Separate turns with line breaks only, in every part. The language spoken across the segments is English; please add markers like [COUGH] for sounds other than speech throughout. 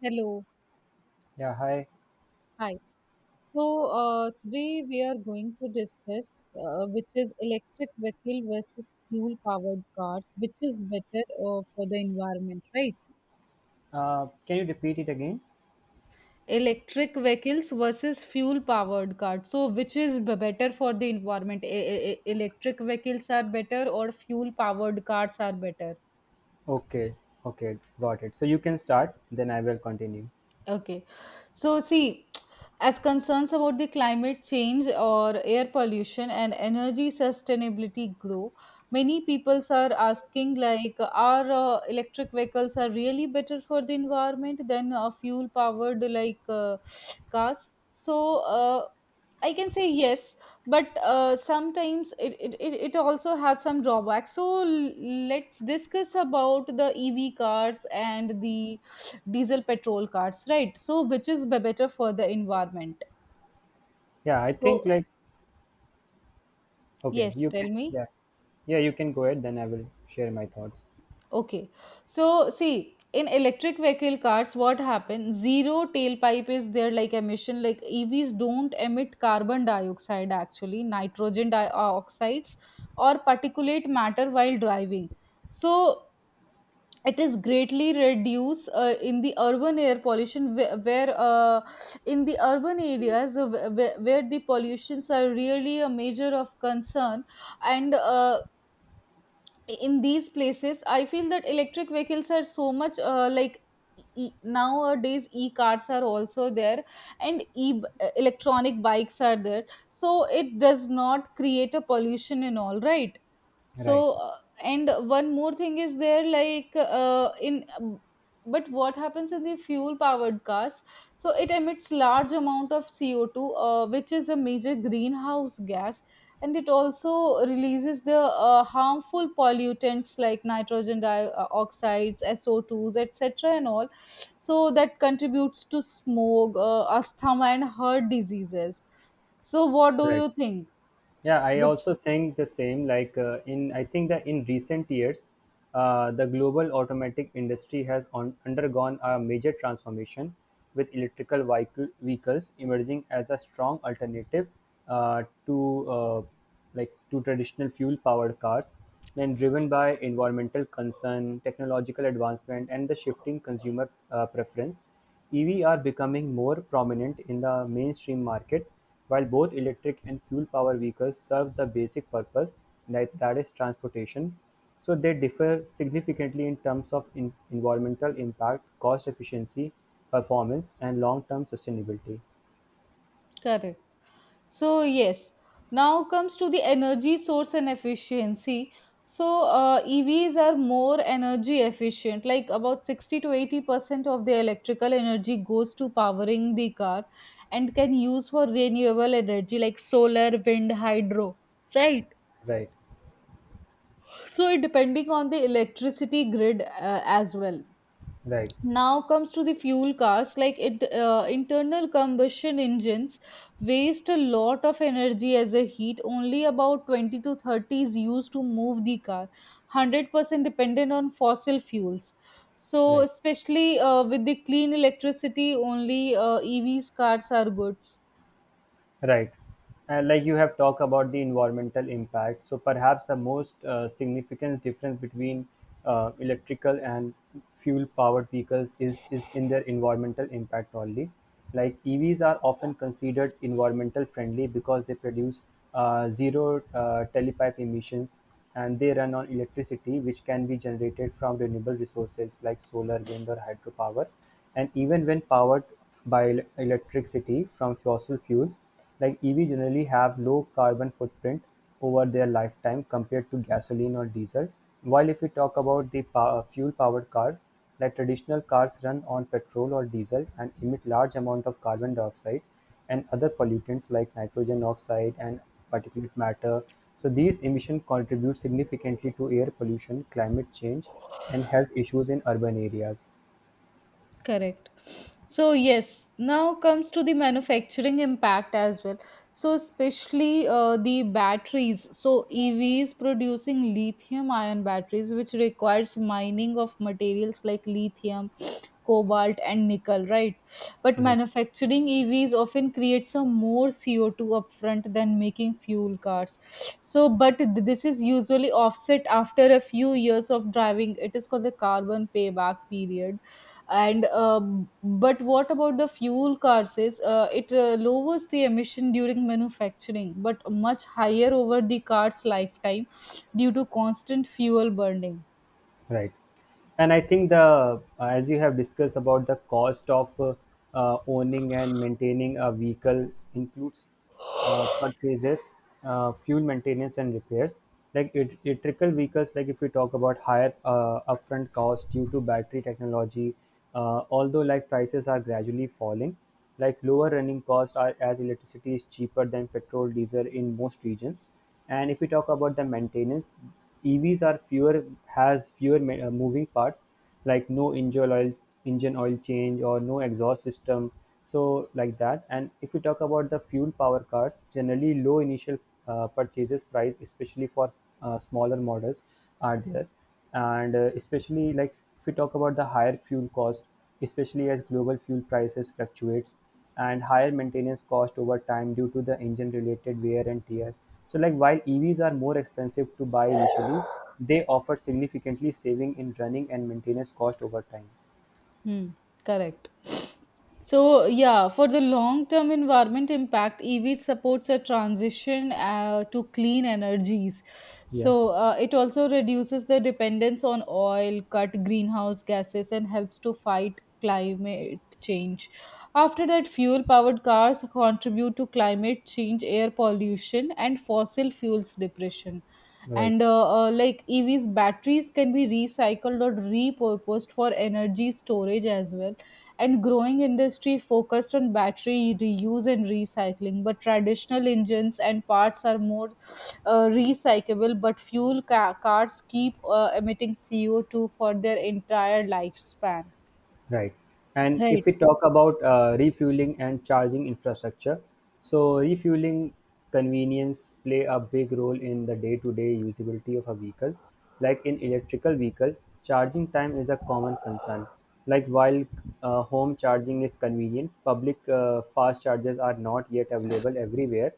Hello,
Yeah, hi.
hi. So Today we are going to discuss which is electric vehicle versus fuel-powered cars, which is better for the environment, right?
Can you repeat it again?
Electric vehicles versus fuel-powered cars. So which is better for the environment? Electric vehicles are better or fuel-powered cars are better?
Okay, okay, got it. So you can start, then I will continue.
Okay. So, see, as concerns about the climate change or air pollution and energy sustainability grow, many peoples are asking like, are electric vehicles are really better for the environment than fuel powered cars? I can say yes, but sometimes it also has some drawbacks. So let's discuss about the EV cars and the diesel petrol cars, right? So which is better for the environment?
Yeah, I think
So
like okay,
yes,
you can.
tell me.
Yeah, yeah, You can go ahead. Then I will share my thoughts.
Okay, so see, in electric vehicle cars, what happens? Zero tailpipe is there, like emission. Like EVs don't emit carbon dioxide, actually nitrogen dioxides or particulate matter while driving. So it is greatly reduced in the urban air pollution, where in the urban areas where the pollutions are really a major of concern. And in these places, I feel that electric vehicles are so much nowadays e-cars are also there, and e electronic bikes are there. So it does not create a pollution and all, right?
Right,
So uh, and one more thing is there, like in but what happens in the fuel powered cars? So it emits large amount of CO2, which is a major greenhouse gas, and it also releases the harmful pollutants like nitrogen dioxides, SO2s, etc, and all. So that contributes to smoke, asthma and heart diseases. So what do
right.
you think?
Yeah, I
With
also think the same. Like I think that in recent years, the global automatic industry has undergone a major transformation, with vehicles emerging as a strong alternative uh, to uh, to traditional fuel-powered cars. Then, driven by environmental concern, technological advancement, and the shifting consumer preference, EV are becoming more prominent in the mainstream market, while both electric and fuel power vehicles serve the basic purpose, like that is transportation, so they differ significantly in terms of in environmental impact, cost efficiency, performance, and long-term sustainability.
Correct. So yes, now comes to the energy source and efficiency. So, EVs are more energy efficient, like about 60 to 80% of the electrical energy goes to powering the car, and can use for renewable energy like solar, wind, hydro, right?
Right,
So it depending on the electricity grid as well.
right,
Now comes to the fuel cost, like it internal combustion engines waste a lot of energy as a heat. Only about 20 to 30 is used to move the car. 100% dependent on fossil fuels. So
right.
especially with the clean electricity only, EVs cars are goods.
Right. And like you have talked about the environmental impact, so perhaps the most significant difference between electrical and fuel-powered vehicles is in their environmental impact only. Like EVs are often considered environmental friendly because they produce zero tailpipe emissions, and they run on electricity, which can be generated from renewable resources like solar, wind, or hydropower. And even when powered by electricity from fossil fuels, like EVs generally have low carbon footprint over their lifetime compared to gasoline or diesel. While if we talk about the fuel-powered cars, like traditional cars run on petrol or diesel and emit large amount of carbon dioxide and other pollutants like nitrogen oxide and particulate matter. So these emissions contribute significantly to air pollution, climate change, and health issues in urban areas.
Correct. So yes, now comes to the manufacturing impact as well. So especially the batteries. So EVs producing lithium ion batteries, which requires mining of materials like lithium, cobalt and nickel, right? But
Right.
manufacturing EVs often creates a more CO2 upfront than making fuel cars. So but this is usually offset after a few years of driving. It is called the carbon payback period. And But what about the fuel cars? Is it lowers the emission during manufacturing, but much higher over the car's lifetime due to constant fuel burning.
Right. And I think as you have discussed about the cost of owning and maintaining a vehicle includes purchases, fuel maintenance and repairs. Like it, electrical vehicles, like if we talk about higher upfront cost due to battery technology, although like prices are gradually falling, like lower running costs are as electricity is cheaper than petrol, diesel in most regions. And if we talk about the maintenance, EVs are fewer has fewer moving parts like no engine oil change or no exhaust system, so like that. And if we talk about the fuel power cars, generally low initial purchases price, especially for smaller models are there, and especially like if we talk about the higher fuel cost, especially as global fuel prices fluctuates, and higher maintenance cost over time due to the engine related wear and tear. So like while evs are more expensive to buy initially, they offer significantly saving in running and maintenance cost over time.
Hmm, Correct. So yeah, for the long term environment impact, EV supports a transition to clean energies.
Yeah,
It also reduces the dependence on oil, cut greenhouse gases, and helps to fight climate change. After that, fuel powered cars contribute to climate change, air pollution, and fossil fuels depression.
right.
And Like evs batteries can be recycled or repurposed for energy storage as well, and growing industry focused on battery reuse and recycling. But traditional engines and parts are more recyclable, but fuel cars keep emitting CO2 for their entire lifespan,
Right. And if
right?
we talk about refueling and charging infrastructure, so refueling convenience play a big role in the day-to-day usability of a vehicle. Like in electrical vehicle, charging time is a common concern. Like while home charging is convenient, public fast chargers are not yet available everywhere,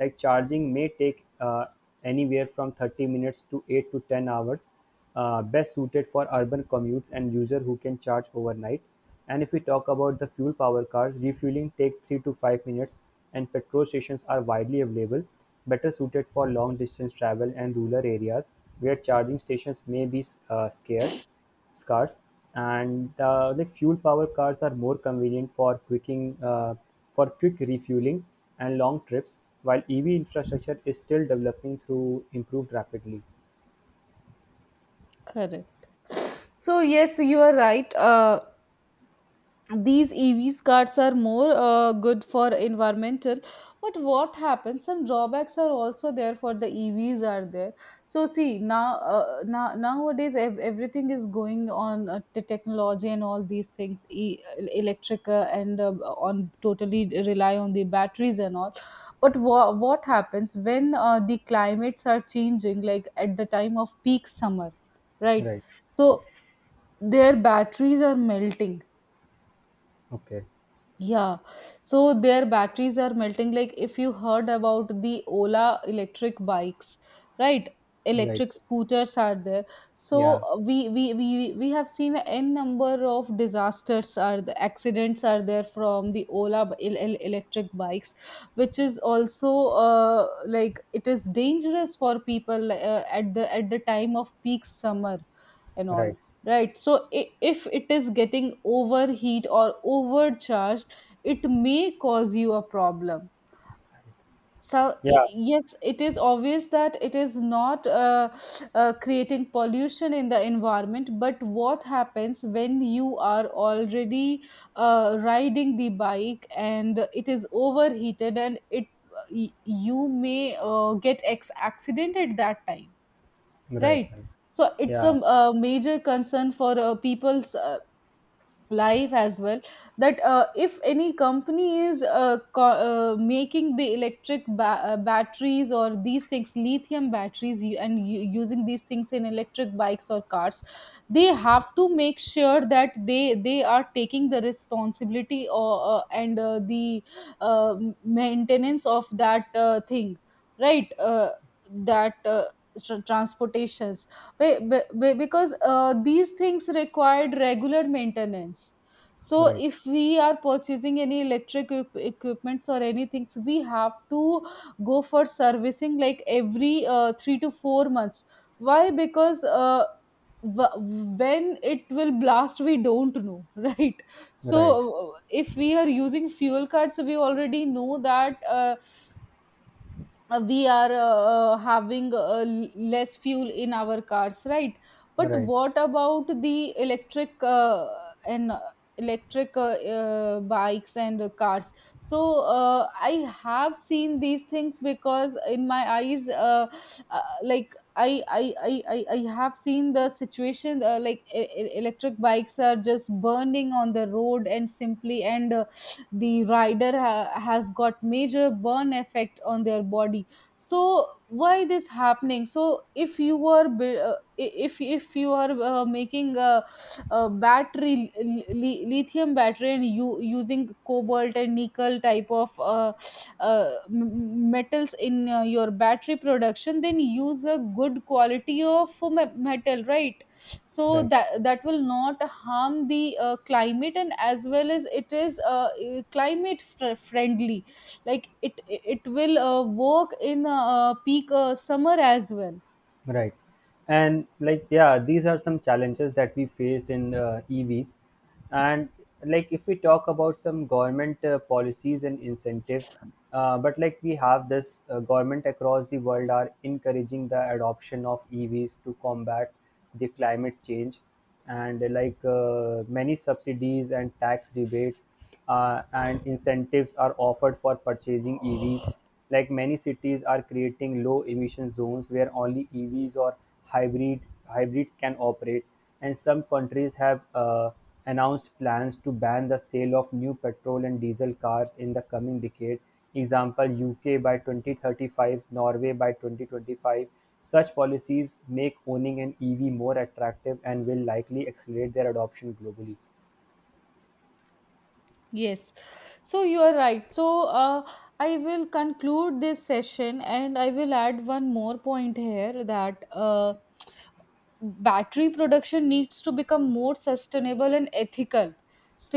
like charging may take anywhere from 30 minutes to 8 to 10 hours, best suited for urban commutes and user who can charge overnight. And if we talk about the fuel power cars, refueling take 3 to 5 minutes and petrol stations are widely available, better suited for long distance travel and rural areas where charging stations may be scarce cars, and like fuel power cars are more convenient for quick refueling and long trips, while EV infrastructure is still developing through improved rapidly.
Correct. So yes, you are right, these EVs cars are more good for environmental. But what happens? Some drawbacks are also there for the EVs are there. So see now, nowadays, everything is going on the technology and all these things. Electric and on totally rely on the batteries and all. But what happens when the climates are changing, like at the time of peak summer, right?
Right.
So their batteries are melting.
Okay.
Yeah, so their batteries are melting. Like if you heard about the Ola electric bikes, right?
Right.
Electric scooters are there. So
Yeah.
uh, we have seen n number of disasters are the accidents are there from the Ola electric bikes, which is also it is dangerous for people uh, at the time of peak summer and all,
Right.
right? So if it is getting overheat or overcharged, it may cause you a problem. So i-
Yeah.
yes, it is obvious that it is not creating pollution in the environment, but what happens when you are already riding the bike and it is overheated and y- you may get accident at that time,
Right.
right?
Right.
So it's a,
Yeah.
major concern for people's life as well, that if any company is making the electric batteries or these things, lithium batteries, using these things in electric bikes or cars, they have to make sure that they are taking the responsibility or and the uh, maintenance of that thing, right uh, that transportation, because these things required regular maintenance. So
Right.
if we are purchasing any electric equipments or anything, we have to go for servicing like every 3 to 4 months. Why? Because when it will blast, we don't know [LAUGHS] right? So
Right.
if we are using fuel cards, we already know that we are having less fuel in our cars, right? But
Right.
what about the and uh, electric bikes and cars? So I have seen these things because in my eyes, uh, like I have seen the situation, electric bikes are just burning on the road, and simply, and the rider has got major burn effect on their body. So why this happening? So if you are if you are making a battery, lithium battery, and you using cobalt and nickel type of metals in your battery production, then use a good quality of metal, right? So
Right.
that will not harm the climate, and as well as it is climate friendly. Like it will work in peak summer as well.
Right. And like, yeah, these are some challenges that we faced in EVs. And like, if we talk about some government policies and incentives, but like we have this government across the world are encouraging the adoption of EVs to combat the climate change, and many subsidies and tax rebates and incentives are offered for purchasing EVs. Like many cities are creating low emission zones where only EVs or hybrid hybrids can operate, and some countries have announced plans to ban the sale of new petrol and diesel cars in the coming decade (example UK by 2035, Norway by 2025). Such policies make owning an EV more attractive and will likely accelerate their adoption globally.
Yes, so you are right. So I will conclude this session, and I will add one more point here, that battery production needs to become more sustainable and ethical,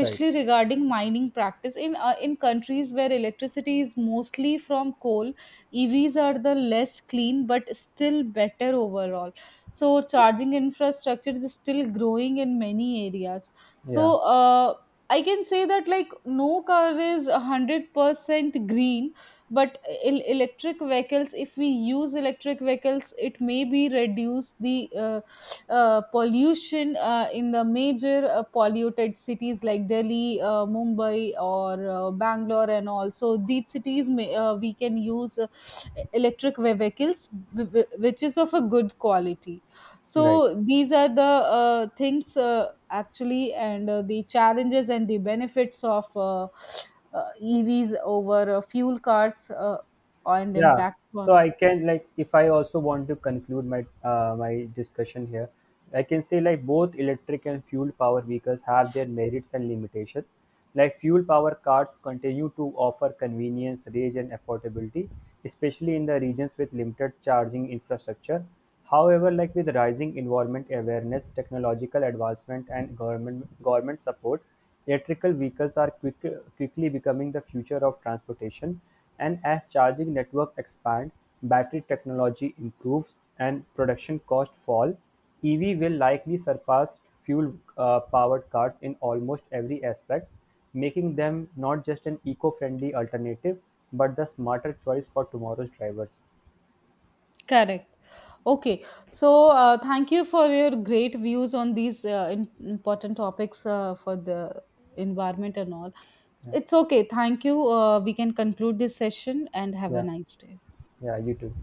Right.
regarding mining practice in countries where electricity is mostly from coal. EVs are the less clean but still better overall. So charging infrastructure is still growing in many areas. So
Yeah.
uh, I can say that, like, no car is 100% green, but electric vehicles, if we use electric vehicles, it may be reduce the pollution in the major polluted cities like Delhi, Mumbai, or Bangalore, and also these cities may, we can use electric vehicles, which is of a good quality.
Right.
So these are the things actually, and the challenges and the benefits of EVs over fuel cars and
Yeah,
impact
so
on.
I can, like, if I also want to conclude my my discussion here, I can say like both electric and fuel power vehicles have their merits and limitation. Like fuel power cars continue to offer convenience range and affordability, especially in the regions with limited charging infrastructure. However, like with rising environment awareness, technological advancement, and government support, electrical vehicles are quickly becoming the future of transportation, and as charging networks expand, battery technology improves, and production costs fall, EV will likely surpass fuel-powered cars in almost every aspect, making them not just an eco-friendly alternative, but the smarter choice for tomorrow's drivers.
Correct. Okay. So, thank you for your great views on these important topics for the environment and all.
Yeah,
It's okay. Thank you. We can conclude this session and have a
yeah,
nice day.
yeah. You too.